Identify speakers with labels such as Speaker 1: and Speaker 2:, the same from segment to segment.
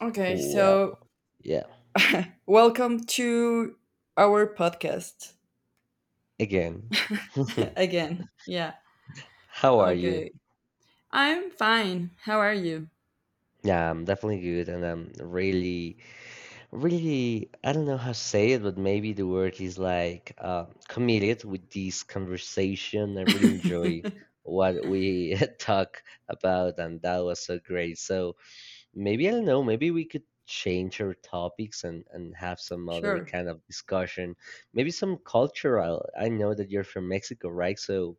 Speaker 1: Okay, so
Speaker 2: Well, yeah.
Speaker 1: welcome to our podcast
Speaker 2: Again,
Speaker 1: again. Yeah.
Speaker 2: how are you?
Speaker 1: Okay. I'm fine. How are you?
Speaker 2: Yeah, I'm definitely good, and I'm really, really, I don't know how to say it, but maybe the word is like committed with this conversation. I really enjoy what we talk about, and that was so great. So maybe I don't know, maybe we could change our topics and have some other
Speaker 1: Sure.
Speaker 2: kind of discussion. Maybe some cultural. I know that you're from Mexico, right? So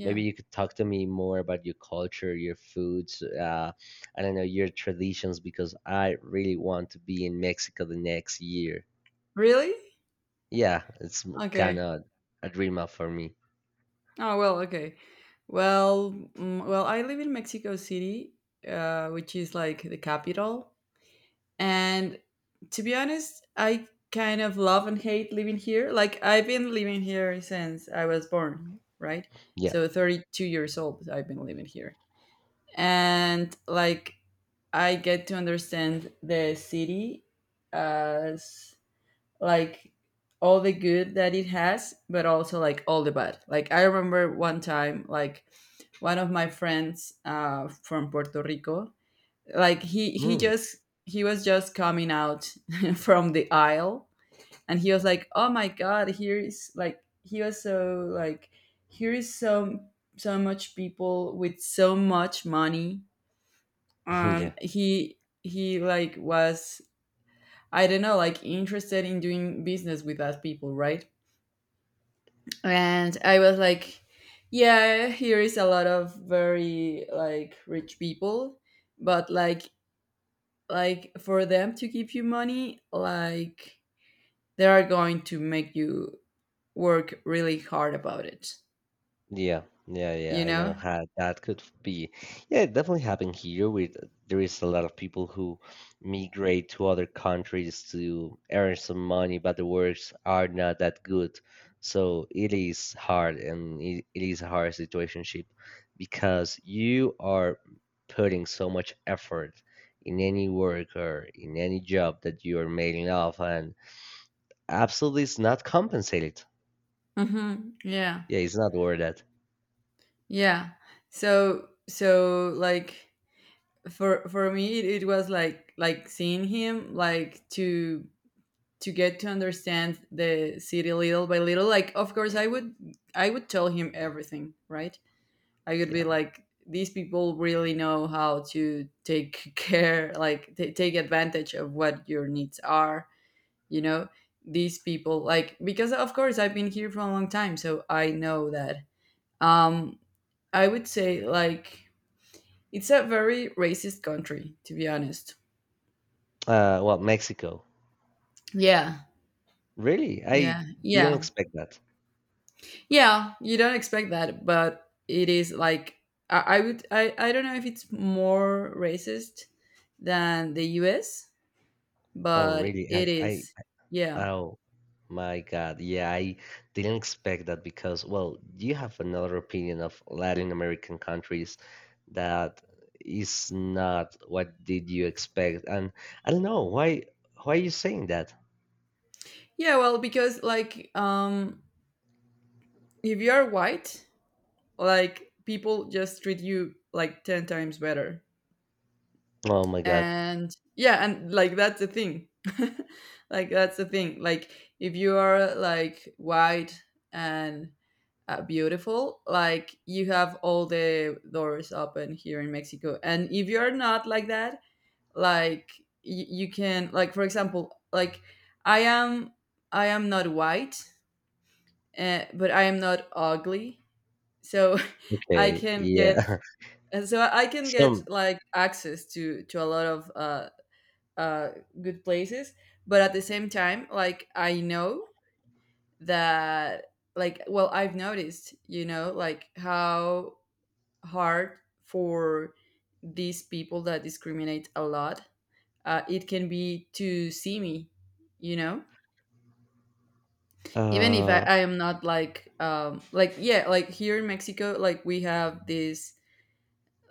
Speaker 2: maybe you could talk to me more about your culture, your foods, I don't know, your traditions because I really want to be in Mexico the next year.
Speaker 1: Really?
Speaker 2: Yeah, it's kind
Speaker 1: Okay.
Speaker 2: of a dream up for me.
Speaker 1: Oh, well, okay. Well, well, I live in Mexico City, which is like the capital. And to be honest, I kind of love and hate living here. Like I've been living here since I was born, right?
Speaker 2: Yeah.
Speaker 1: So 32 years old, I've been living here and like I get to understand the city as like all the good that it has, but also like all the bad. Like I remember one time, like one of my friends from Puerto Rico, like he
Speaker 2: Mm,
Speaker 1: just he was just coming out from the aisle, and he was like, "Oh my god, here is like he was so like here is so so much people with so much money,
Speaker 2: yeah.
Speaker 1: he like was I don't know like interested in doing business with us people, right? And I was like, yeah, here is a lot of very like rich people, but like for them to give you money, like they are going to make you work really hard about it,
Speaker 2: Yeah, yeah, yeah.
Speaker 1: you
Speaker 2: I know
Speaker 1: know.
Speaker 2: how that could be. Yeah, it definitely happened here. With there is a lot of people who migrate to other countries to earn some money, but the works are not that good. So it is hard, and it is a hard situationship because you are putting so much effort in any work or in any job that you are mailing off, and absolutely it's not compensated.
Speaker 1: Mm-hmm. Yeah.
Speaker 2: Yeah, it's not worth that.
Speaker 1: Yeah. So like, for me, it was like seeing him like to get to understand the city little by little. Like of course I would tell him everything, right? I would be
Speaker 2: Yeah.
Speaker 1: like, these people really know how to take care, like take advantage of what your needs are, you know. These people, like, because of course I've been here for a long time, so I know that, um I would say like it's a very racist country to be honest.
Speaker 2: Well, Mexico.
Speaker 1: Yeah
Speaker 2: Really?
Speaker 1: Yeah.
Speaker 2: I didn't
Speaker 1: Yeah,
Speaker 2: expect that.
Speaker 1: yeah. You don't expect that, but it is like I would. I don't know if it's more racist than the U.S.,
Speaker 2: Oh,
Speaker 1: but
Speaker 2: really?
Speaker 1: it is. Yeah,
Speaker 2: Oh my God. Yeah, I didn't expect that because, well, you have another opinion of Latin American countries that is not what did you expect. And I don't know why are you saying that?
Speaker 1: yeah. Well, because like, if you are white, like people just treat you like ten times better,
Speaker 2: Oh my God.
Speaker 1: and yeah, and like that's the thing. Like that's the thing. Like if you are like white and beautiful, like you have all the doors open here in Mexico, and if you're not like that, like you can, like for example, like I am, I am not white, but I am not ugly, so I
Speaker 2: Okay.
Speaker 1: can get,
Speaker 2: Yeah.
Speaker 1: so I can get
Speaker 2: Some,
Speaker 1: like access to a lot of uh, good places. But at the same time, like I know that like well I've noticed, you know, like how hard for these people that discriminate a lot. It can be to see me, you know, even if
Speaker 2: uh,
Speaker 1: I am not like, like, yeah, like here in Mexico, like we have these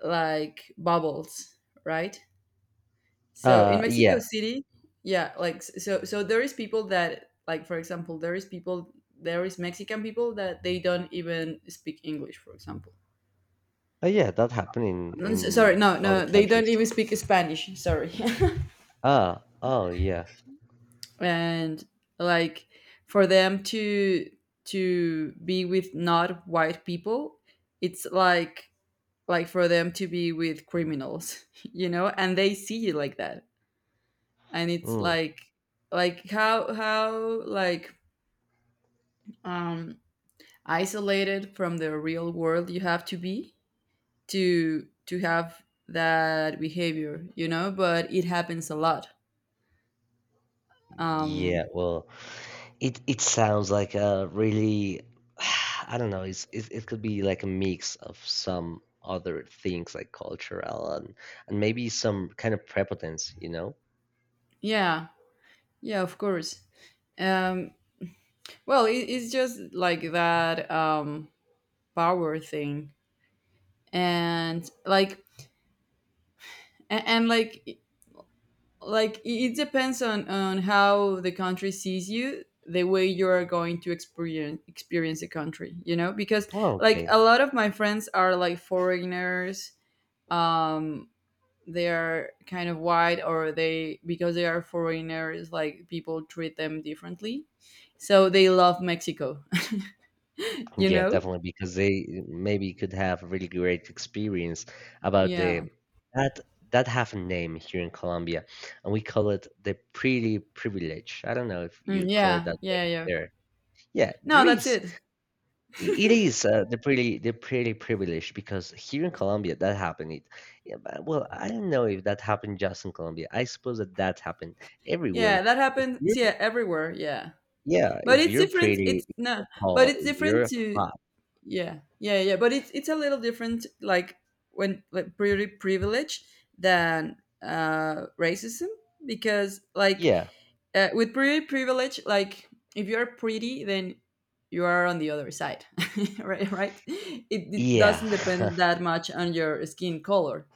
Speaker 1: like bubbles, right? So in Mexico
Speaker 2: yeah.
Speaker 1: City, yeah, like so, so there is people that, like, for example, there is people, there is Mexican people that they don't even speak English, for example.
Speaker 2: Oh, yeah, that happened in,
Speaker 1: No, sorry,
Speaker 2: in
Speaker 1: no,
Speaker 2: all the
Speaker 1: no, they don't
Speaker 2: countries.
Speaker 1: even speak Spanish. Sorry.
Speaker 2: Ah, oh, yeah.
Speaker 1: And like for them to be with not white people, it's like for them to be with criminals, you know, and they see it like that. And it's
Speaker 2: Mm.
Speaker 1: like how like, um isolated from the real world you have to be to have that behavior, you know, but it happens a lot.
Speaker 2: Yeah,
Speaker 1: um
Speaker 2: well. It sounds like a really I don't know, it's, it could be like a mix of some other things like cultural and maybe some kind of prepotence, you know?
Speaker 1: yeah. Yeah, of course. um Well, it's just like that, power thing, and like and like it depends on how the country sees you, the way you are going to experience the country, you know. Because
Speaker 2: Oh,
Speaker 1: like
Speaker 2: okay.
Speaker 1: a lot of my friends are like foreigners. Um, they are kind of white, or they because they are foreigners, like people treat them differently. So they love Mexico, you
Speaker 2: Yeah,
Speaker 1: know.
Speaker 2: definitely because they maybe could have a really great experience about
Speaker 1: Yeah.
Speaker 2: the that that have a name here in Colombia and we call it the pretty privilege. I don't know if
Speaker 1: Mm,
Speaker 2: you call it that way
Speaker 1: yeah.
Speaker 2: there. Yeah, there
Speaker 1: No, that's
Speaker 2: is
Speaker 1: it.
Speaker 2: it is. They're pretty. They're pretty privileged because here in Colombia that happened. It, yeah, but well, I don't know if that happened just in Colombia. I suppose that that happened
Speaker 1: Yeah,
Speaker 2: everywhere.
Speaker 1: that
Speaker 2: If
Speaker 1: happens.
Speaker 2: you're,
Speaker 1: Yeah, everywhere. Yeah,
Speaker 2: yeah,
Speaker 1: but
Speaker 2: if
Speaker 1: it's
Speaker 2: you're
Speaker 1: different.
Speaker 2: pretty,
Speaker 1: It's
Speaker 2: if
Speaker 1: no,
Speaker 2: you're
Speaker 1: but
Speaker 2: tall,
Speaker 1: it's
Speaker 2: if
Speaker 1: different
Speaker 2: you're
Speaker 1: to
Speaker 2: hot,
Speaker 1: yeah, But it's a little different, like when like pretty privilege than racism, because like,
Speaker 2: yeah,
Speaker 1: with pretty privilege, like if you're pretty, then you are on the other side, right? Right? It
Speaker 2: yeah,
Speaker 1: doesn't depend that much on your skin color.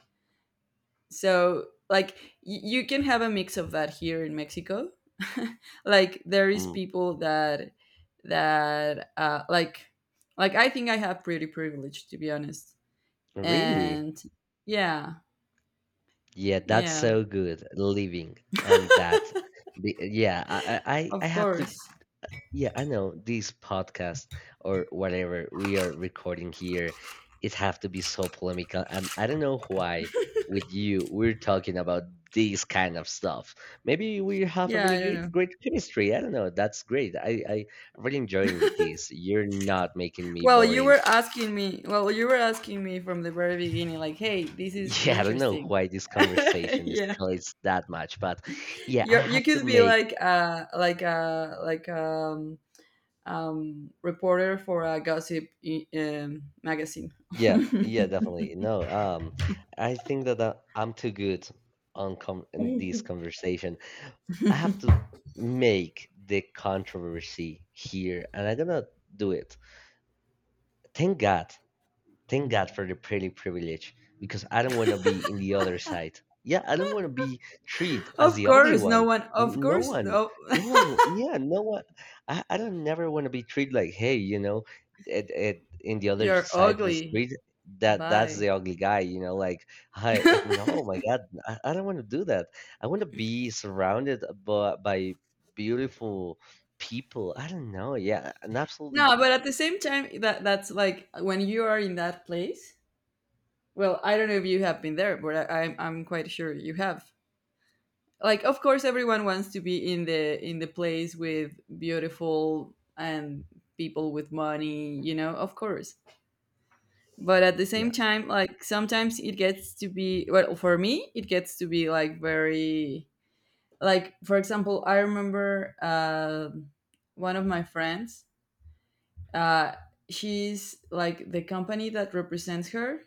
Speaker 1: So like you can have a mix of that here in Mexico, like there is
Speaker 2: mm,
Speaker 1: people that that uh like like I think I have pretty privilege to be honest.
Speaker 2: really,
Speaker 1: And yeah,
Speaker 2: yeah. That's
Speaker 1: yeah,
Speaker 2: so good living on that. Be- yeah, I
Speaker 1: of
Speaker 2: have to.
Speaker 1: course.
Speaker 2: Yeah, I know this podcast or whatever we are recording here, it have to be so polemical, and I don't know why with you we're talking about these kind of stuff. Maybe we have a
Speaker 1: Yeah,
Speaker 2: really
Speaker 1: I don't know.
Speaker 2: great great chemistry. I don't know. That's great. I really enjoying this. You're not making me
Speaker 1: Well, you
Speaker 2: boring.
Speaker 1: were asking me well you were asking me from the very beginning like, hey, this is
Speaker 2: Yeah, I don't know
Speaker 1: interesting.
Speaker 2: why this conversation
Speaker 1: Yeah,
Speaker 2: escalates that much, but yeah, I
Speaker 1: you
Speaker 2: have to
Speaker 1: could be
Speaker 2: make
Speaker 1: like reporter for a gossip, magazine.
Speaker 2: yeah, yeah, definitely. No, I think that I'm too good on com in this conversation. I have to make the controversy here, and I'm gonna do it. Thank God thank God for the pretty privilege because I don't want to be in the other side. Yeah, I don't want to be treated as
Speaker 1: Of
Speaker 2: the ugly
Speaker 1: course, no
Speaker 2: one.
Speaker 1: one. Of
Speaker 2: N- no
Speaker 1: course,
Speaker 2: one,
Speaker 1: no.
Speaker 2: no one, w- yeah, no one. I don't never want to be treated like, hey, you know, in the other
Speaker 1: You're
Speaker 2: side of the
Speaker 1: ugly.
Speaker 2: street, that that's
Speaker 1: Bye.
Speaker 2: the ugly guy, you know, like, hi, it- no, my
Speaker 1: No,
Speaker 2: God, I don't want to do that. I want to be surrounded by beautiful people. I don't know. Yeah, and absolutely.
Speaker 1: but at the same time, that that's like when you are in that place. Well, I don't know if you have been there, but I'm quite sure you have. Like, of course, everyone wants to be in the place with beautiful and people with money. You know, of course. But at the same
Speaker 2: Yeah.
Speaker 1: time, like sometimes it gets to be, well, for me, it gets to be like very, like for example, I remember one of my friends, uh, she's like, the company that represents her,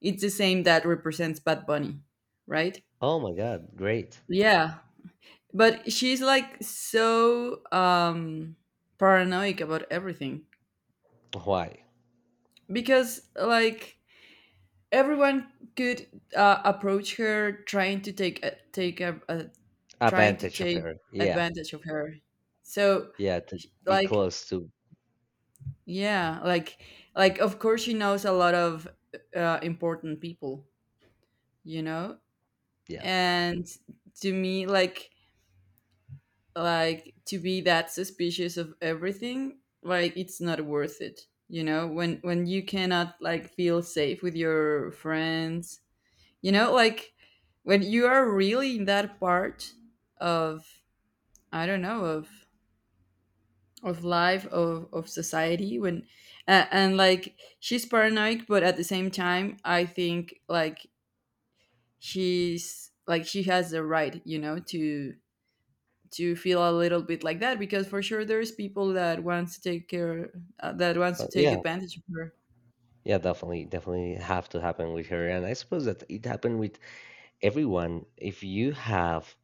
Speaker 1: it's the same that represents Bad Bunny, right?
Speaker 2: Oh my God, great.
Speaker 1: Yeah. But she's like so, paranoid about everything,
Speaker 2: Why?
Speaker 1: because like everyone could approach her trying to trying to
Speaker 2: Advantage of
Speaker 1: take
Speaker 2: her. Yeah,
Speaker 1: advantage of her. So
Speaker 2: yeah, to
Speaker 1: she-
Speaker 2: be
Speaker 1: like
Speaker 2: close to
Speaker 1: yeah, like of course she knows a lot of important people, you know.
Speaker 2: yeah.
Speaker 1: And to me, like to be that suspicious of everything, like, it's not worth it, you know, when you cannot like feel safe with your friends. You know, like when you are really in that part of, I don't know, of life of society, when and like she's paranoid, but at the same time, I think like she has the right, you know, to feel a little bit like that, because for sure there's people that wants to take
Speaker 2: Yeah,
Speaker 1: advantage of her.
Speaker 2: yeah, definitely, definitely have to happen with her, and I suppose that it happened with everyone. If you have,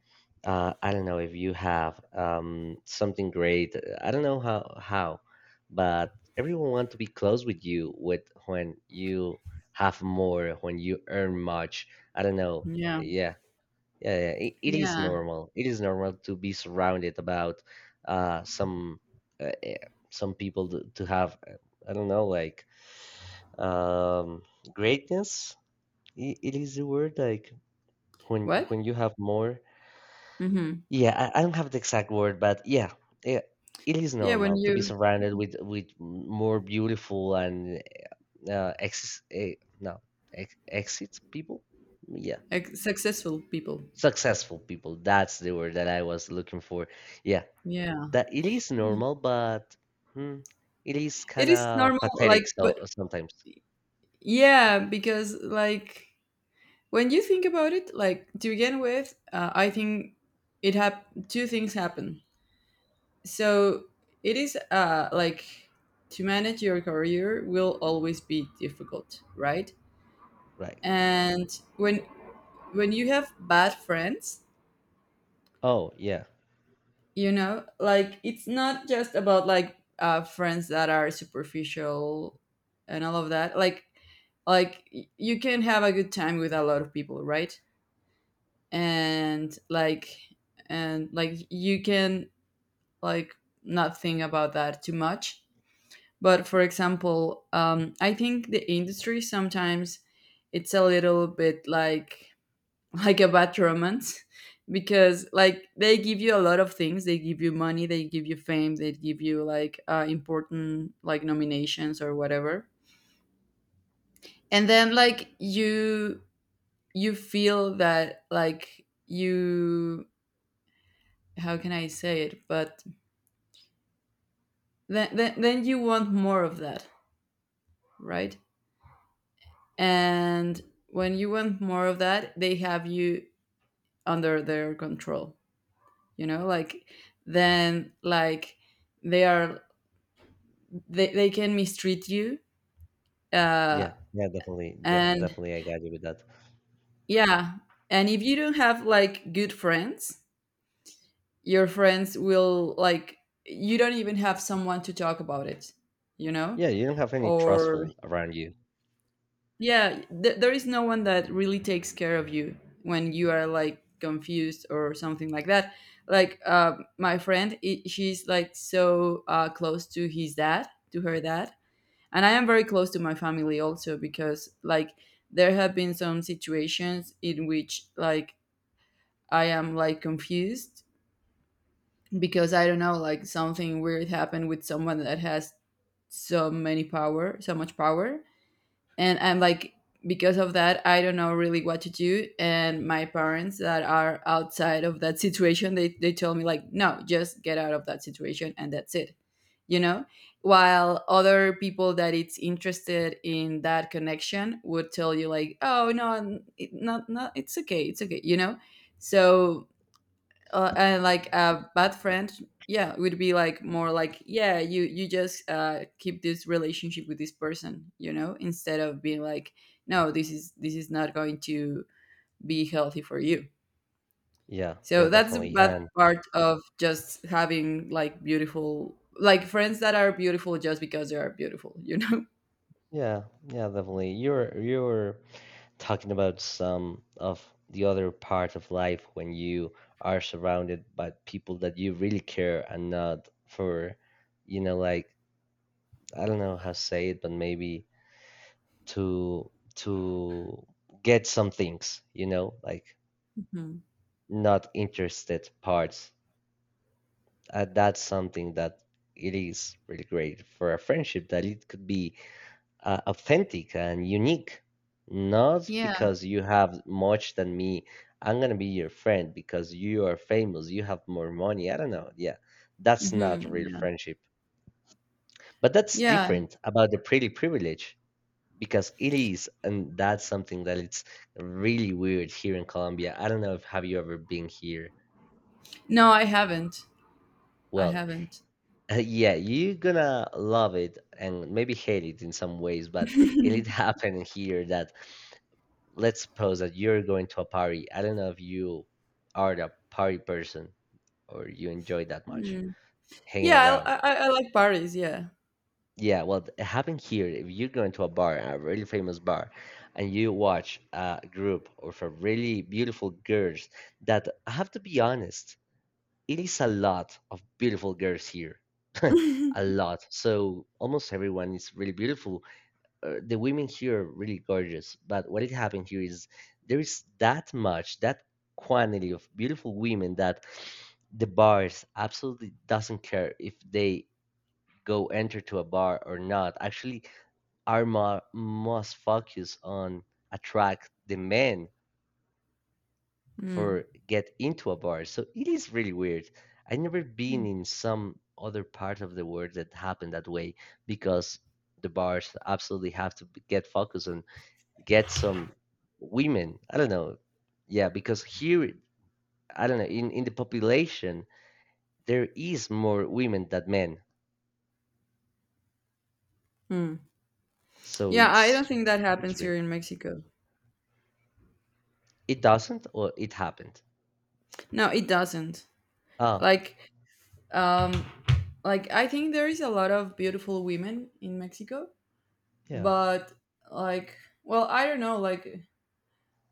Speaker 2: I don't know, if you have something great, I don't know how, but everyone want to be close with you with when you have more, when you earn much. I don't know.
Speaker 1: Yeah.
Speaker 2: Yeah, yeah, yeah, it is
Speaker 1: Yeah.
Speaker 2: normal. It is normal to be surrounded about some uh, eh, some people to have I don't know like um, greatness. It is the word like
Speaker 1: What?
Speaker 2: when you have more.
Speaker 1: Mm-hmm.
Speaker 2: Yeah, I don't have the exact word, but yeah, yeah, it is
Speaker 1: Yeah, when
Speaker 2: normal to be
Speaker 1: you,
Speaker 2: surrounded with more beautiful and ex no ex exits people. Yeah,
Speaker 1: like, successful people.
Speaker 2: successful people. That's the word that I was looking for. Yeah
Speaker 1: Yeah.
Speaker 2: that it is normal, but hmm, it is
Speaker 1: It
Speaker 2: kind
Speaker 1: is normal,
Speaker 2: of
Speaker 1: like,
Speaker 2: pathetic.
Speaker 1: but
Speaker 2: So sometimes,
Speaker 1: yeah, because like when you think about it, like to begin with, I think two things happen. So it is like to manage your career will always be difficult, right?
Speaker 2: right?
Speaker 1: And when when you have bad friends,
Speaker 2: Oh yeah,
Speaker 1: you know, like it's not just about like friends that are superficial and all of that, like you can have a good time with a lot of people, right? And like and like you can like not think about that too much. But for example, I think the industry sometimes it's a little bit like like a bad romance, because like they give you a lot of things, they give you money, they give you fame, they give you like important like nominations or whatever. And then like you feel that like, you, how can I say it? But then you want more of that, right? And when you want more of that, they have you under their control, you know, like then like they are they can mistreat you, uh,
Speaker 2: yeah, yeah. Definitely, de-
Speaker 1: and
Speaker 2: definitely, I got you with that.
Speaker 1: yeah. And if you don't have like good friends, your friends will like, you don't even have someone to talk about it, you know.
Speaker 2: Yeah, you don't have any
Speaker 1: Or
Speaker 2: trustful around you.
Speaker 1: yeah, there is no one that really takes care of you when you are like confused or something like that. Like, my friend, I she's like so close to his dad to her dad. And I am very close to my family also, because like there have been some situations in which like I am like confused, because I don't know, like something weird happened with someone that has so much power. And I'm like, because of that, I don't know really what to do. And my parents that are outside of that situation, they told me like, no, just get out of that situation and that's it, you know. While other people that it's interested in that connection would tell you like, oh no, not it's okay, it's okay, you know. So and like a bad friend, yeah, would be like more like, yeah, you just keep this relationship with this person, you know, instead of being like no, this is not going to be healthy for you.
Speaker 2: Yeah, yeah,
Speaker 1: So that's the
Speaker 2: definitely,
Speaker 1: bad
Speaker 2: and
Speaker 1: part of just having like beautiful, like friends that are beautiful just because they are beautiful. You know.
Speaker 2: yeah, yeah, definitely. You're talking about some of the other part of life when you are surrounded by people that you really care and not for, you know, like I don't know how to say it, but maybe to get some things you know like
Speaker 1: Mhm.
Speaker 2: not interested parts, that's something that it is really great for a friendship that it could be authentic and unique, not
Speaker 1: Yeah.
Speaker 2: because you have much than me, I'm gonna be your friend because you are famous, you have more money, I don't know, yeah, that's not
Speaker 1: Hmm.
Speaker 2: real
Speaker 1: Yeah.
Speaker 2: friendship, but that's
Speaker 1: Yeah.
Speaker 2: different about the pretty privilege because it is and that's something that it's really weird here in Colombia. I don't know if have you ever been here.
Speaker 1: No, I haven't. I
Speaker 2: Well,
Speaker 1: haven't.
Speaker 2: yeah, you're gonna love it and maybe hate it in some ways, but it did happen here that let's suppose that you're going to a party. I don't know if you are the party person or you enjoy that much
Speaker 1: Mm.
Speaker 2: hanging
Speaker 1: Yeah,
Speaker 2: around.
Speaker 1: I like Paris, yeah.
Speaker 2: Yeah, well, it happened here. If you go into a bar, a really famous bar, and you watch a group of a really beautiful girls that, I have to be honest, it is a lot of beautiful girls here. A lot. So almost everyone is really beautiful. The women here are really gorgeous. But what it happened here is there is that much, that quantity of beautiful women that the bars absolutely doesn't care if they go enter to a bar or not. Actually, Arma must focus on attract the men
Speaker 1: Mm,
Speaker 2: for get into a bar. So it is really weird. I never been in some other part of the world that happened that way because the bars absolutely have to b- get focused on get some women. I don't know. Yeah, because here I don't know in the population there is more women than men.
Speaker 1: mm.
Speaker 2: So
Speaker 1: Yeah, I don't think that
Speaker 2: it's
Speaker 1: happens here
Speaker 2: weird.
Speaker 1: in Mexico.
Speaker 2: It doesn't or it happened.
Speaker 1: No, it doesn't.
Speaker 2: Oh,
Speaker 1: Like, um, like, I think there is a lot of beautiful women in Mexico,
Speaker 2: yeah.
Speaker 1: but like, well, I don't know. Like,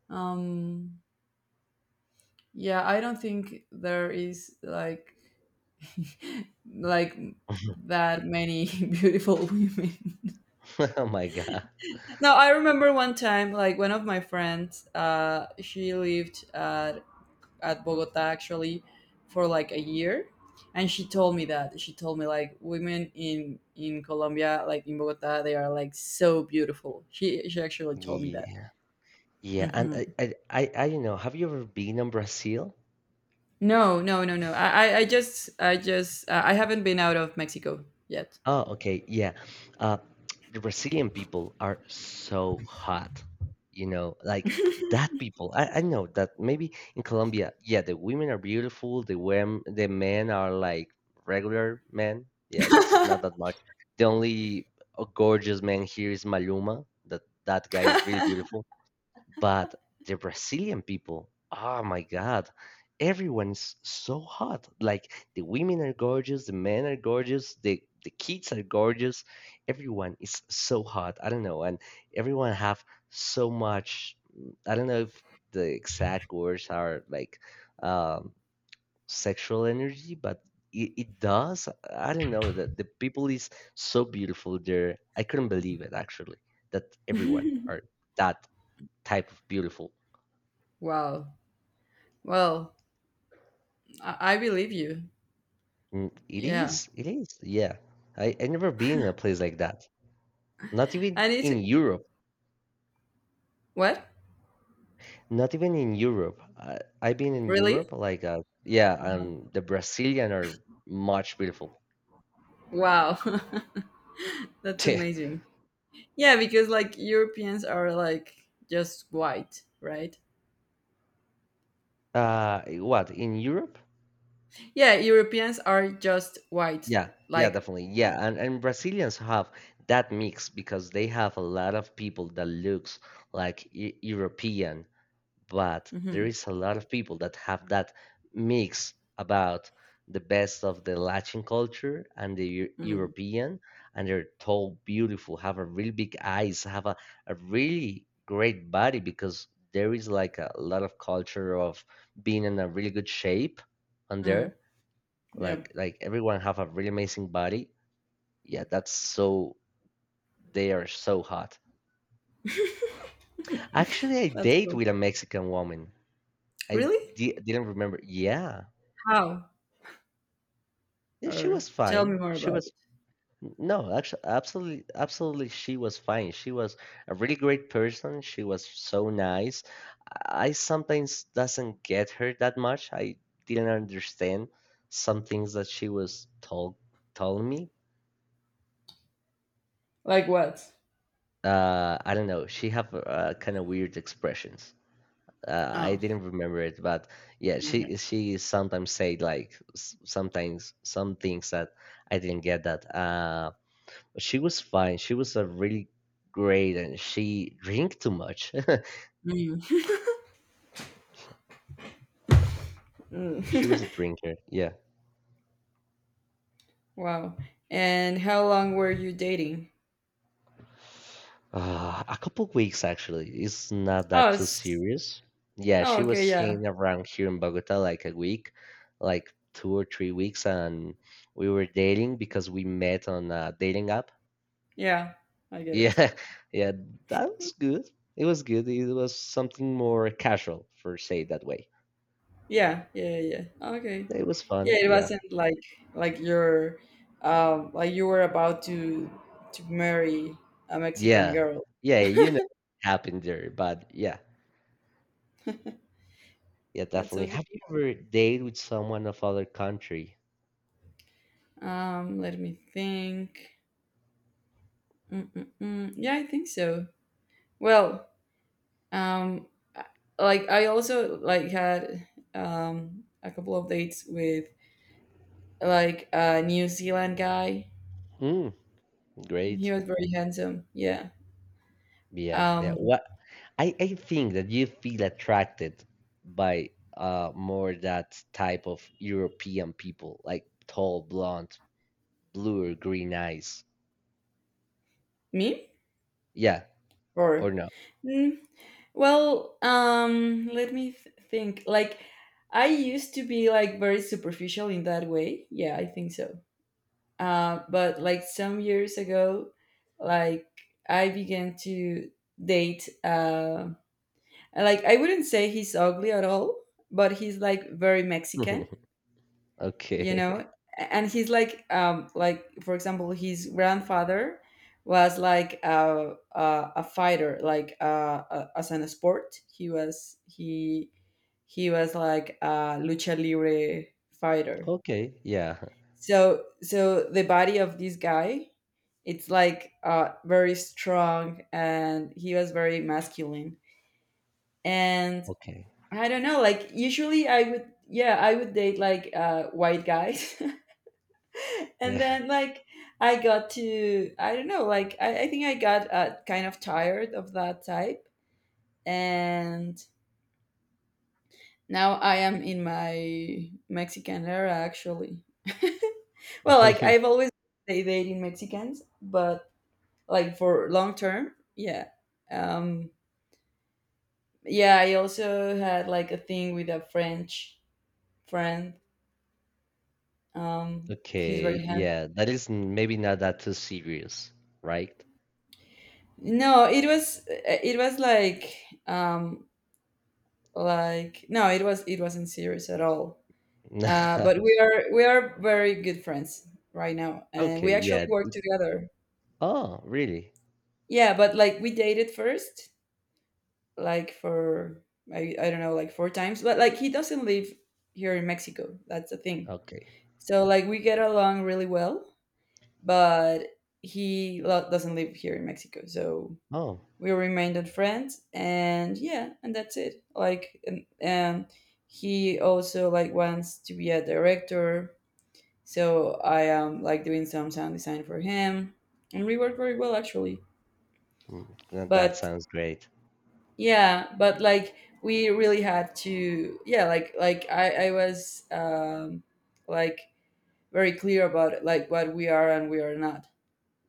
Speaker 1: um, yeah, I don't think there is like, like that many beautiful women.
Speaker 2: oh my god.
Speaker 1: No, I remember one time, like one of my friends, she lived at Bogota actually for like a year, and she told me like women in Colombia, like in Bogota, they are like so beautiful. She actually told me that.
Speaker 2: Yeah, yeah, and
Speaker 1: Hmm.
Speaker 2: I don't know. Have you ever been in Brazil?
Speaker 1: No, no, no, no, I I just I just I haven't been out of Mexico yet.
Speaker 2: Oh, okay, yeah. Uh, the Brazilian people are so hot, you know, like that people. I know that maybe in Colombia, yeah, the women are beautiful. The women, the men are like regular men. Yeah, it's not that much. The only gorgeous man here is Maluma. That that guy is really beautiful. But the Brazilian people, oh my God, everyone's so hot. Like the women are gorgeous, the men are gorgeous, the kids are gorgeous. Everyone is so hot. I don't know, and everyone have so much. I don't know if the exact words are like um, sexual energy, but it does. I don't know that the people is so beautiful there. I couldn't believe it actually that everyone are that type of beautiful.
Speaker 1: Wow. Well, I believe you.
Speaker 2: Mm, it
Speaker 1: Yeah.
Speaker 2: is. It is. Yeah. I never been in a place like that. Not even
Speaker 1: And it's...
Speaker 2: in Europe.
Speaker 1: What?
Speaker 2: Not even in Europe. I, I've been in
Speaker 1: Really?
Speaker 2: Europe, like, yeah, and the Brazilian are much beautiful.
Speaker 1: Wow. That's amazing. Yeah, because like Europeans are like just white, right?
Speaker 2: Uh, what, in Europe?
Speaker 1: Yeah, Europeans are just white.
Speaker 2: Yeah. Yeah,
Speaker 1: Like,
Speaker 2: definitely. Yeah. And Brazilians have that mix because they have a lot of people that looks like e European, but there
Speaker 1: mhm.
Speaker 2: is a lot of people that have that mix about the best of the Latin culture and the Eu-
Speaker 1: Mm,
Speaker 2: European, and they're tall, beautiful, have a really big eyes, have a really great body because there is like a lot of culture of being in a really good shape on
Speaker 1: mm.
Speaker 2: there.
Speaker 1: Yeah.
Speaker 2: Like everyone have a really amazing body. Yeah, that's so they are so hot. Actually, I
Speaker 1: That's
Speaker 2: date
Speaker 1: cool.
Speaker 2: with a Mexican woman. I
Speaker 1: Really?
Speaker 2: di- didn't remember. Yeah.
Speaker 1: How?
Speaker 2: Yeah, she
Speaker 1: Or
Speaker 2: was
Speaker 1: tell me
Speaker 2: fine.
Speaker 1: more
Speaker 2: She
Speaker 1: about
Speaker 2: was
Speaker 1: it.
Speaker 2: no, actually, absolutely, absolutely, she was fine. She was a really great person. She was so nice. I sometimes doesn't get her that much. I didn't understand some things that she was told me.
Speaker 1: Like what?
Speaker 2: I don't know. She have kind of weird expressions. I
Speaker 1: Oh,
Speaker 2: didn't remember it, but yeah,
Speaker 1: okay.
Speaker 2: she sometimes said like s- sometimes some things that I didn't get that. Um, she was fine. She was a really great, and she drank too much.
Speaker 1: Mm.
Speaker 2: She was
Speaker 1: Mm.
Speaker 2: a drinker. Yeah.
Speaker 1: Wow. And how long were you dating?
Speaker 2: A couple weeks actually. It's not that
Speaker 1: Oh,
Speaker 2: too
Speaker 1: s-
Speaker 2: serious. Yeah,
Speaker 1: oh,
Speaker 2: she
Speaker 1: okay,
Speaker 2: was
Speaker 1: yeah,
Speaker 2: hanging around here in Bogota like a week, like 2 or 3 weeks, and we were dating because we met on a dating app.
Speaker 1: yeah, I get it.
Speaker 2: Yeah, yeah, that was good. It was good. It was something more casual, for say it that way.
Speaker 1: Yeah, yeah, yeah, yeah. Oh, okay.
Speaker 2: It was
Speaker 1: Yeah,
Speaker 2: fun.
Speaker 1: it
Speaker 2: Yeah.
Speaker 1: wasn't like you're like you were about to marry a Mexican
Speaker 2: Yeah.
Speaker 1: girl.
Speaker 2: Yeah, you know what happened there, but yeah. Yeah,
Speaker 1: That's
Speaker 2: definitely.
Speaker 1: so good.
Speaker 2: Have you ever dated with someone of other country?
Speaker 1: Let me think. Mm-mm-mm. Yeah, I think so. Well, um, I- like I also like had a couple of dates with like a New Zealand guy.
Speaker 2: Mm,
Speaker 1: He
Speaker 2: great.
Speaker 1: was very handsome. Yeah.
Speaker 2: Yeah, yeah.
Speaker 1: Um,
Speaker 2: What I think that you feel attracted by more that type of European people, like tall, blonde, blue or green eyes.
Speaker 1: Me?
Speaker 2: Yeah, or
Speaker 1: Or,
Speaker 2: no.
Speaker 1: mm, well, let me think. Like, I used to be like very superficial in that way. Yeah, I think so. But like some years ago, like I began to date. Like I wouldn't say he's ugly at all, but he's like very Mexican you know
Speaker 2: Okay.
Speaker 1: and he's like like, for example, his grandfather was like a fighter, like as an sport. He was like a lucha libre fighter.
Speaker 2: Okay. Yeah.
Speaker 1: So the body of this guy, it's like very strong, and he was very masculine. And
Speaker 2: Okay.
Speaker 1: I don't know, like usually, I would yeah I would date like white guys. And
Speaker 2: Yeah.
Speaker 1: then like I got to, I don't know, like I think I got, kind of tired of that type. And now I am in my Mexican era, actually. Well, like I've always been dating Mexicans, but like for long term. Yeah. um yeah, I also had like a thing with a French friend. He's
Speaker 2: Okay.
Speaker 1: very handsome.
Speaker 2: Yeah. That is maybe not that too serious, right?
Speaker 1: No, it was, it was like, um like no, it wasn't serious at all. But we are very good friends right now, and
Speaker 2: Okay,
Speaker 1: we actually
Speaker 2: yeah.
Speaker 1: work together.
Speaker 2: Oh, really?
Speaker 1: Yeah, but like we dated first, like for, I don't know, like four times. But like he doesn't live here in Mexico, that's the thing.
Speaker 2: Okay.
Speaker 1: So like we get along really well, but he doesn't live here in Mexico. So
Speaker 2: Oh,
Speaker 1: we remained friends, and yeah, and that's it. Like, and he also like wants to be a director. So I am like doing some sound design for him, and we work very well actually.
Speaker 2: that
Speaker 1: But
Speaker 2: sounds great.
Speaker 1: yeah, but like we really had to, yeah, like I was, like very clear about like what we are and we are not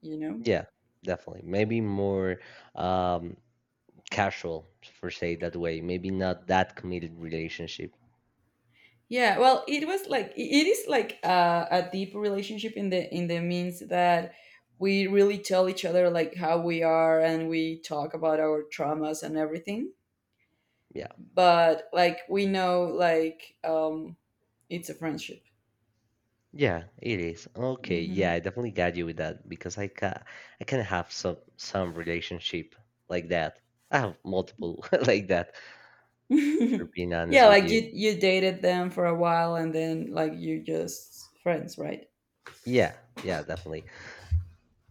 Speaker 1: you know
Speaker 2: Yeah, definitely. Maybe more um casual for say that way. Maybe not that committed relationship.
Speaker 1: Yeah, well, it was like, it is like a deep relationship in the means that we really tell each other like how we are, and we talk about our traumas and everything.
Speaker 2: Yeah.
Speaker 1: But like we know, like, it's a friendship.
Speaker 2: Yeah, it is. Okay, yeah,
Speaker 1: Hmm.
Speaker 2: I definitely got you with that because I can have some relationship like that. I have multiple like that, for being
Speaker 1: Yeah,
Speaker 2: honest with
Speaker 1: like you
Speaker 2: you.
Speaker 1: you dated them for a while, and then like you just friends, right?
Speaker 2: Yeah, yeah, definitely.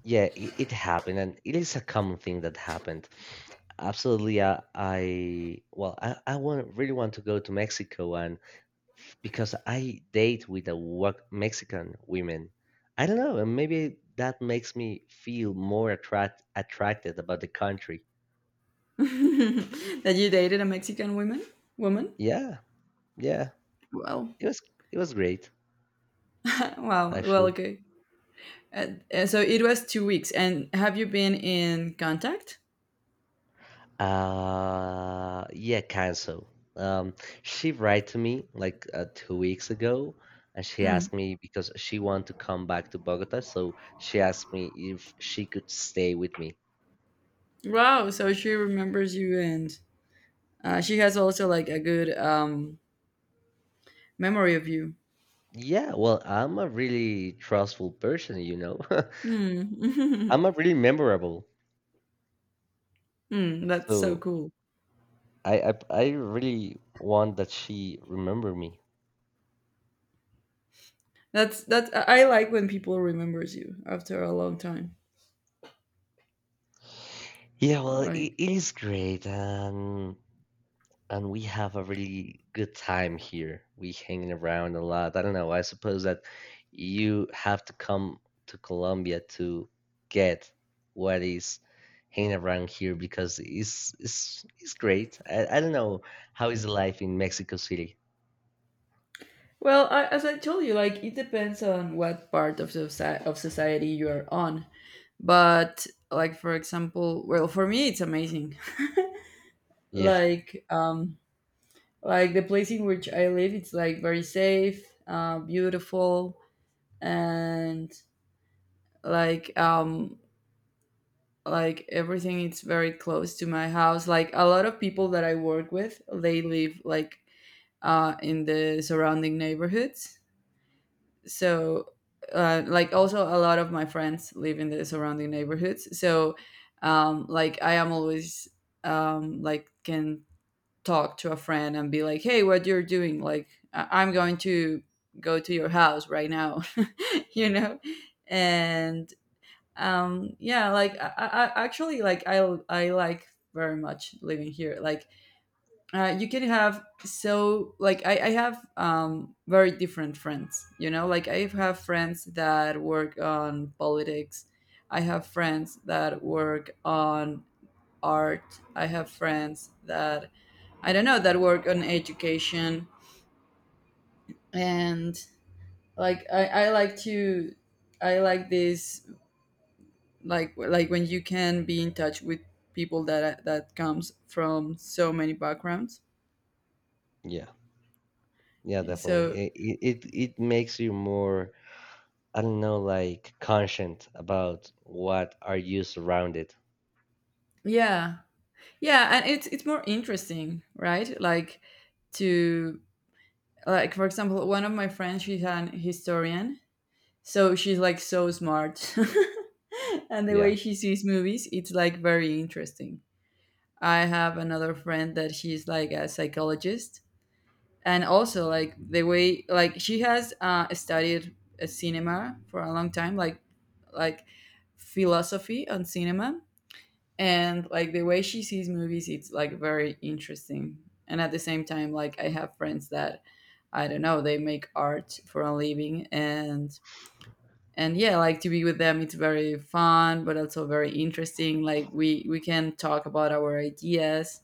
Speaker 2: Yeah, it happened, and it is a common thing that happened. Absolutely, I want really want to go to Mexico, and because I date with a work Mexican women, I don't know, and maybe that makes me feel more attracted about the country.
Speaker 1: That you dated a Mexican woman.
Speaker 2: Yeah, yeah,
Speaker 1: Well,
Speaker 2: it was it was great
Speaker 1: wow. Well,
Speaker 2: actually.
Speaker 1: okay. So it was 2 weeks. And have you been in contact?
Speaker 2: Yeah, kind so. Um, she write to me like 2 weeks ago, and she
Speaker 1: Mm.
Speaker 2: asked me because she want to come back to Bogota, so she asked me if she could stay with me.
Speaker 1: Wow. So she remembers you, and she has also like a good memory of you.
Speaker 2: Yeah, well, I'm a really trustful person, you know.
Speaker 1: Mm.
Speaker 2: I'm a really memorable,
Speaker 1: Mm, that's so
Speaker 2: so
Speaker 1: cool.
Speaker 2: I really want that she remember me.
Speaker 1: That's that. I like when people remembers you after a long time.
Speaker 2: Yeah, well, it,
Speaker 1: Like,
Speaker 2: it is great, and we have a really good time here. We hanging around a lot. I don't know. I suppose that you have to come to Colombia to get what is hanging around here because it's it's great. I don't know how is life in Mexico City.
Speaker 1: well, I, as I told you, like it depends on what part of the soci- of society you are on. But like, for example, well, for me it's amazing.
Speaker 2: Yeah,
Speaker 1: Like like the place in which I live, it's like very safe, beautiful, and like um like everything, it's very close to my house. Like a lot of people that I work with, they live like, in the surrounding neighborhoods. So, like, also a lot of my friends live in the surrounding neighborhoods. So, like, I am always, like, can talk to a friend and be like, "Hey, what you're doing? Like, I- I'm going to go to your house right now," you know, and yeah, like I actually like I like very much living here. Like, you can have, so like I have very different friends. You know, like I have friends that work on politics. I have friends that work on art. I have friends that, I don't know, that work on education. And like I like to, I like this, like when you can be in touch with people that comes from so many backgrounds.
Speaker 2: yeah, yeah, definitely.
Speaker 1: So
Speaker 2: It makes you more I don't know, like conscient about what are you surrounded.
Speaker 1: yeah, yeah, and it's more interesting, right? Like, to like for example, one of my friends she's an historian, so she's like so smart, and the way
Speaker 2: Yeah.
Speaker 1: she sees movies, it's like very interesting. I have another friend that she's like a psychologist, and also like the way like she has, studied, cinema for a long time, like philosophy on cinema, and like the way she sees movies, it's like very interesting. And at the same time, like I have friends that, I don't know, they make art for a living, and yeah, like to be with them, it's very fun, but also very interesting. Like we can talk about our ideas.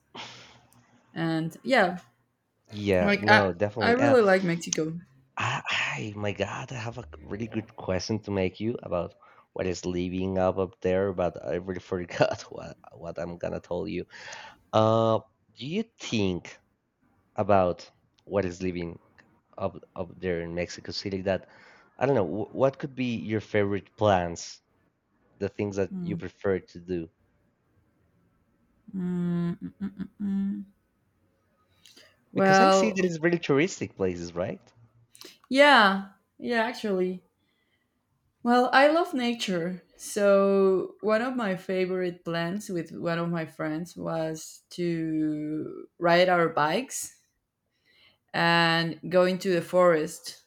Speaker 1: And yeah,
Speaker 2: Yeah,
Speaker 1: like i
Speaker 2: no,
Speaker 1: i
Speaker 2: definitely.
Speaker 1: really like Mexico.
Speaker 2: Ah, hi, my God, I have a really good question to make you about what is living up there, but I really forgot what I'm gonna tell you. Uh, do you think about what is living up there in Mexico City that I don't know, what could be your favorite plans, the things that you
Speaker 1: Mm,
Speaker 2: prefer to do?
Speaker 1: mm, mm, mm, mm, mm.
Speaker 2: Because I see
Speaker 1: Well,
Speaker 2: that it's really touristic places, right?
Speaker 1: yeah, yeah, actually, well, I love nature. So one of my favorite plans with one of my friends was to ride our bikes and go into the forest.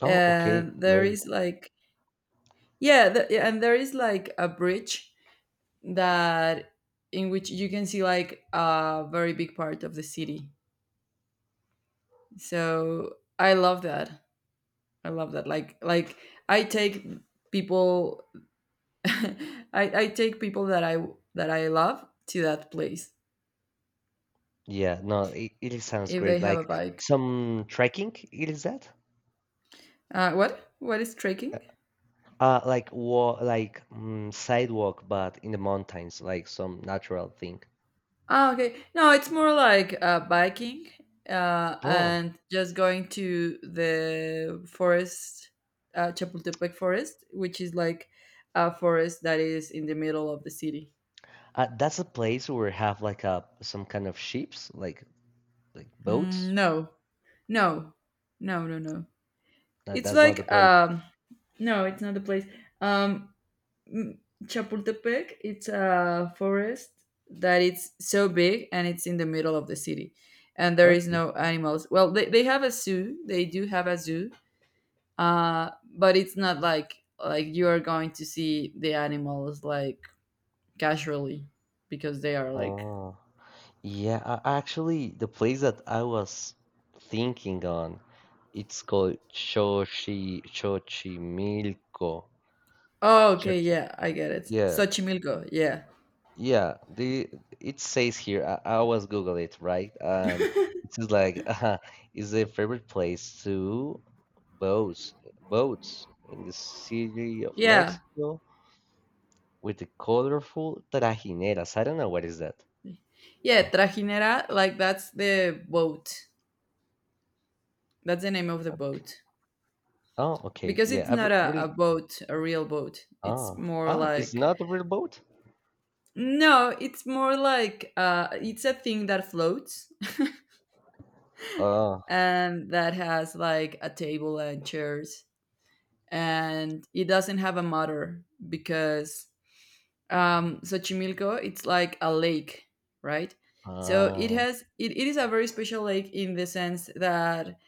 Speaker 2: Oh, okay,
Speaker 1: And there
Speaker 2: great.
Speaker 1: is like, yeah, and there is like a bridge that, in which you can see like a very big part of the city. So I love that. I love that, like I take people, I take people that I love to that place
Speaker 2: Yeah, no, it sounds
Speaker 1: if they
Speaker 2: great.
Speaker 1: have
Speaker 2: Like
Speaker 1: a bike.
Speaker 2: some trekking, it is that?
Speaker 1: What is trekking?
Speaker 2: Like sidewalk, but in the mountains, like some natural thing.
Speaker 1: Ah, okay, no, it's more like biking,
Speaker 2: Oh,
Speaker 1: and just going to the forest. Chapultepec forest, which is like a forest that is in the middle of the city.
Speaker 2: uh, that's a place where have like a some kind of ships, like
Speaker 1: Mm,
Speaker 2: boats.
Speaker 1: no, no, no, no, no. It's
Speaker 2: That's not the
Speaker 1: like,
Speaker 2: place.
Speaker 1: no, it's not the place. Um mm, Chapultepec, it's a forest that it's so big, and it's in the middle of the city, and there is
Speaker 2: Okay.
Speaker 1: no animals. Well, they have a zoo. They do have a zoo. Uh but it's not like you are going to see the animals like casually because they are like...
Speaker 2: Oh, yeah. Actually, the place that I was thinking on, it's called Xochimilco.
Speaker 1: Oh, okay,
Speaker 2: Xochi.
Speaker 1: yeah, I get it.
Speaker 2: Yeah,
Speaker 1: Xochimilco, yeah.
Speaker 2: yeah, the it says here. I always Google it, right? And it's just like is a favorite place to boats boats in the city of
Speaker 1: Yeah.
Speaker 2: Mexico with the colorful trajineras. I don't know what is that.
Speaker 1: Yeah, Trajinera, like that's the boat. That's the name of the boat.
Speaker 2: Oh, okay.
Speaker 1: Because
Speaker 2: Yeah,
Speaker 1: it's
Speaker 2: I've
Speaker 1: not a, a
Speaker 2: really.
Speaker 1: boat a real boat it's
Speaker 2: Ah,
Speaker 1: more
Speaker 2: ah, it's
Speaker 1: like...
Speaker 2: not a real boat.
Speaker 1: No, it's more like, it's a thing that floats,
Speaker 2: Oh,
Speaker 1: and that has like a table and chairs. And it doesn't have a motor because, Xochimilco, it's like a lake, right? So it
Speaker 2: ah,
Speaker 1: has it, it is a very special lake, in the sense that,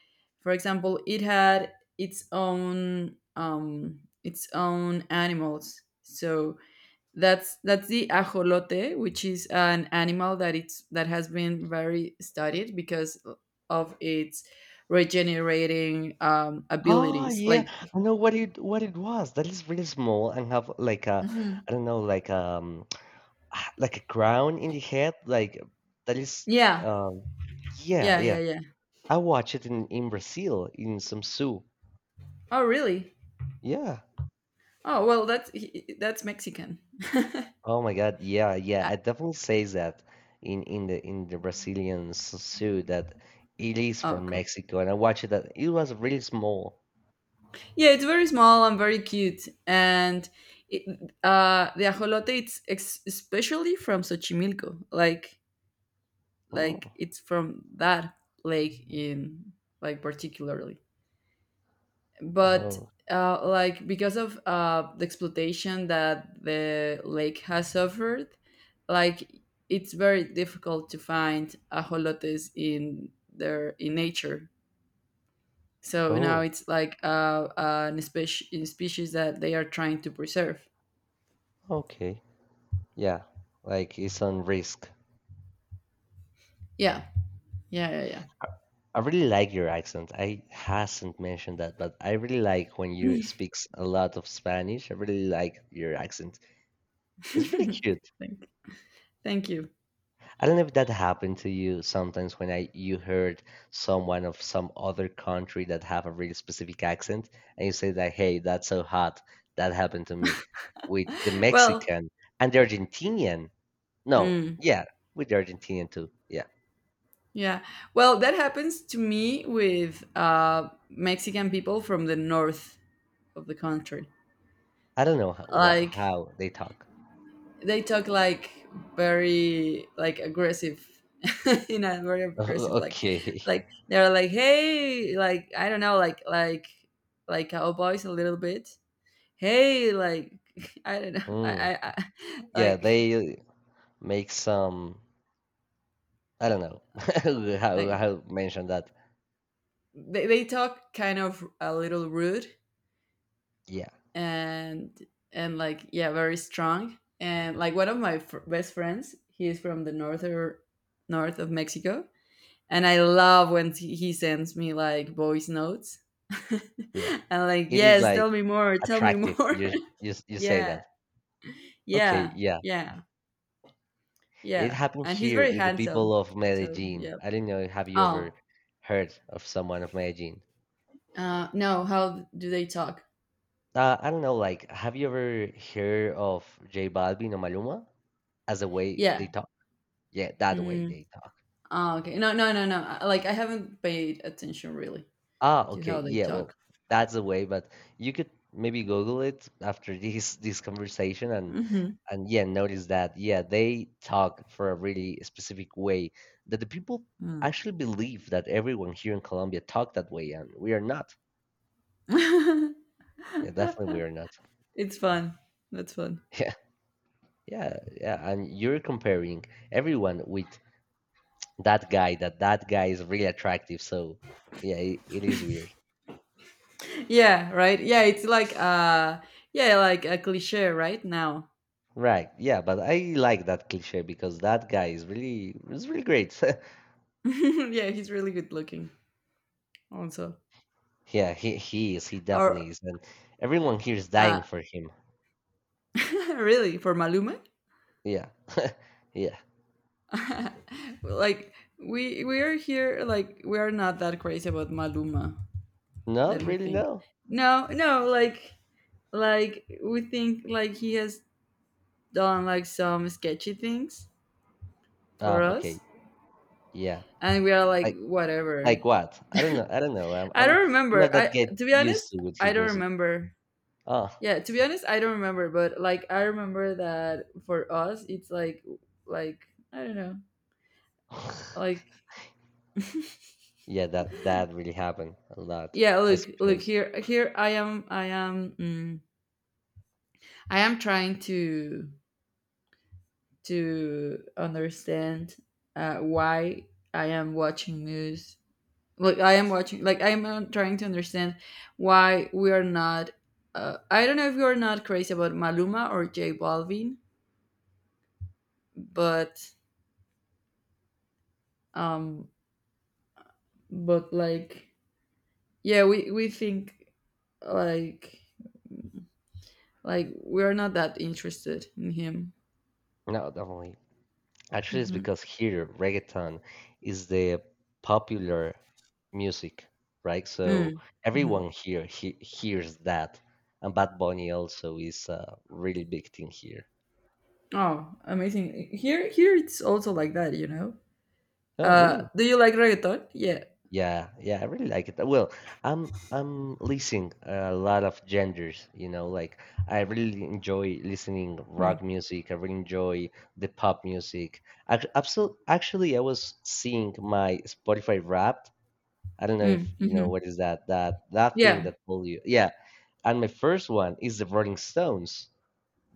Speaker 1: for example, it had its own animals. So that's the ajolote, which is an animal that has been very studied because of its regenerating,
Speaker 2: ah,
Speaker 1: abilities.
Speaker 2: yeah.
Speaker 1: Like,
Speaker 2: I know what it was. That is really small and have like a,
Speaker 1: mhm.
Speaker 2: I don't know, like like a crown in the head, like that is
Speaker 1: Yeah,
Speaker 2: um yeah,
Speaker 1: yeah, yeah,
Speaker 2: yeah.
Speaker 1: yeah.
Speaker 2: I watched it in Brazil in some zoo.
Speaker 1: Oh, really?
Speaker 2: Yeah.
Speaker 1: Oh, well, that's Mexican.
Speaker 2: Oh my God. Yeah,
Speaker 1: Uh,
Speaker 2: yeah. It definitely says that in the Brazilian zoo that it is
Speaker 1: Oh,
Speaker 2: from
Speaker 1: cool.
Speaker 2: Mexico, and I watched it. That it was really small.
Speaker 1: Yeah, it's very small and very cute. And it, the ajolote, it's especially from Xochimilco. Like
Speaker 2: Oh,
Speaker 1: it's from that lake in, like, particularly. But
Speaker 2: oh,
Speaker 1: like, because of, the exploitation that the lake has suffered, like it's very difficult to find ajolotes in their in nature. So now
Speaker 2: oh.
Speaker 1: it's like, an species, a species that they are trying to preserve.
Speaker 2: Okay. Yeah. Like it's on risk.
Speaker 1: Yeah, yeah, yeah,
Speaker 2: I really like your accent. I hasn't mentioned that, but I really like when you
Speaker 1: yeah.
Speaker 2: speaks a lot of Spanish. I really like your accent. It's really cute.
Speaker 1: Thank, thank you.
Speaker 2: I don't know if that happened to you sometimes when I you heard someone of some other country that have a really specific accent and you say that, hey, that's so hot. That happened to me with the
Speaker 1: Well,
Speaker 2: Mexican and the Argentinian. No,
Speaker 1: mm,
Speaker 2: yeah, with the Argentinian too. Yeah.
Speaker 1: yeah. Well, that happens to me with, Mexican people from the north of the country.
Speaker 2: I don't know how,
Speaker 1: Like
Speaker 2: how they talk.
Speaker 1: they talk like very, like aggressive in a very aggressive, like
Speaker 2: Okay.
Speaker 1: like they're like, hey, like, I don't know, like cowboys a little bit. Hey, like I don't know,
Speaker 2: Mm.
Speaker 1: I
Speaker 2: Yeah,
Speaker 1: like
Speaker 2: they make some I don't know
Speaker 1: like
Speaker 2: how mention that.
Speaker 1: they talk kind of a little rude.
Speaker 2: Yeah,
Speaker 1: and and like, yeah, very strong. And like one of my best friends, he is from the north of Mexico. And I love when he sends me like voice notes. And
Speaker 2: yeah,
Speaker 1: like,
Speaker 2: it is
Speaker 1: yes,
Speaker 2: like
Speaker 1: tell me more, tell me
Speaker 2: attractive,
Speaker 1: more.
Speaker 2: you you say
Speaker 1: Yeah,
Speaker 2: that. Okay,
Speaker 1: yeah,
Speaker 2: yeah,
Speaker 1: yeah,
Speaker 2: it
Speaker 1: yeah.
Speaker 2: happened
Speaker 1: And he's
Speaker 2: here
Speaker 1: very
Speaker 2: with the
Speaker 1: handsome.
Speaker 2: people of
Speaker 1: So
Speaker 2: Medellin.
Speaker 1: yeah.
Speaker 2: I don't know, have you ever
Speaker 1: Oh,
Speaker 2: heard of someone of Medellin?
Speaker 1: no. How do they talk?
Speaker 2: Uh, I don't know, like have you ever heard of J Balvin or Maluma, as the way they
Speaker 1: Yeah.
Speaker 2: talk? Yeah, that way
Speaker 1: Mm,
Speaker 2: they talk.
Speaker 1: oh, okay. No, no, no, no. I- like I haven't paid attention really
Speaker 2: Ah,
Speaker 1: to
Speaker 2: okay.
Speaker 1: how they
Speaker 2: Yeah, well,
Speaker 1: talk.
Speaker 2: that's the way, but you could maybe Google it after this conversation,
Speaker 1: Hmm.
Speaker 2: and yeah, notice that yeah, they talk for a really specific way that the people
Speaker 1: Mm.
Speaker 2: actually believe that everyone here in Colombia talk that way, and we are not. Yeah, definitely we are not.
Speaker 1: It's fun. That's fun.
Speaker 2: Yeah, yeah, yeah. And you're comparing everyone with that that guy is really attractive, so yeah, it is weird.
Speaker 1: Yeah. Right. Yeah. It's like, uh. Yeah, like a cliche right now.
Speaker 2: Right. Yeah, but I like that cliche because that guy is really great.
Speaker 1: Yeah, he's really good looking also.
Speaker 2: Yeah, he is. He
Speaker 1: Or
Speaker 2: definitely is, and everyone here is
Speaker 1: uh
Speaker 2: dying for him.
Speaker 1: really for Malume?
Speaker 2: Yeah. Yeah.
Speaker 1: Like we are here like we are not that crazy about Maluma. Let
Speaker 2: Not
Speaker 1: me
Speaker 2: really.
Speaker 1: think.
Speaker 2: No.
Speaker 1: No, no, like we think like he has done like some sketchy things for
Speaker 2: Ah, okay.
Speaker 1: us.
Speaker 2: Yeah.
Speaker 1: And we are like,
Speaker 2: Like
Speaker 1: whatever.
Speaker 2: like what? I don't know. I don't know.
Speaker 1: I
Speaker 2: I'm
Speaker 1: don't
Speaker 2: not
Speaker 1: remember.
Speaker 2: that
Speaker 1: I,
Speaker 2: get
Speaker 1: to be
Speaker 2: used
Speaker 1: honest,
Speaker 2: to with
Speaker 1: I
Speaker 2: his
Speaker 1: don't
Speaker 2: music.
Speaker 1: remember.
Speaker 2: Oh.
Speaker 1: Yeah, to be honest, I don't remember, but like I remember that for us, it's like, I don't know, like,
Speaker 2: Yeah. That that really happened a lot.
Speaker 1: yeah.
Speaker 2: I
Speaker 1: Look, look
Speaker 2: suppose.
Speaker 1: here I am trying to understand, why I am watching news. Like I am watching, like I am, trying to understand why we are not. I don't know if you are not crazy about Maluma or J Balvin, but um, but like, yeah, we think like like we're not that interested in him.
Speaker 2: No, definitely. Actually, it's
Speaker 1: Hmm.
Speaker 2: because here reggaeton is the popular music, right?
Speaker 1: Mm-hmm.
Speaker 2: So
Speaker 1: Mm-hmm.
Speaker 2: everyone here he hears that, and Bad Bunny also is a really big thing here.
Speaker 1: Oh, amazing, here it's also like that.
Speaker 2: Oh, really?
Speaker 1: Do you like reggaeton? Yeah.
Speaker 2: Yeah, yeah, I really like it. Well, I'm listening a lot of genders, you know, like I really enjoy listening
Speaker 1: Mm,
Speaker 2: rock music. I really enjoy the pop music. Actually, I was seeing my Spotify rap. I don't know if
Speaker 1: mm,
Speaker 2: you
Speaker 1: hmm.
Speaker 2: know what is that, that thing
Speaker 1: Yeah.
Speaker 2: that pull you. Yeah, and my first one is the Rolling Stones,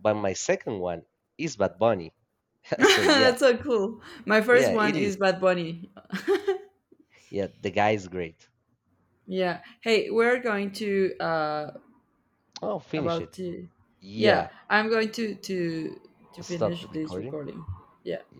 Speaker 2: but my second one is Bad Bunny. So yeah,
Speaker 1: That's so cool. My first
Speaker 2: yeah,
Speaker 1: one
Speaker 2: it is.
Speaker 1: is Bad Bunny.
Speaker 2: Yeah, the guy is great.
Speaker 1: Yeah. Hey, we're going to,
Speaker 2: Oh, finish
Speaker 1: about
Speaker 2: it.
Speaker 1: to, yeah,
Speaker 2: Yeah,
Speaker 1: I'm going to
Speaker 2: stop
Speaker 1: finish
Speaker 2: the
Speaker 1: this
Speaker 2: recording.
Speaker 1: recording. Yeah.
Speaker 2: Yeah.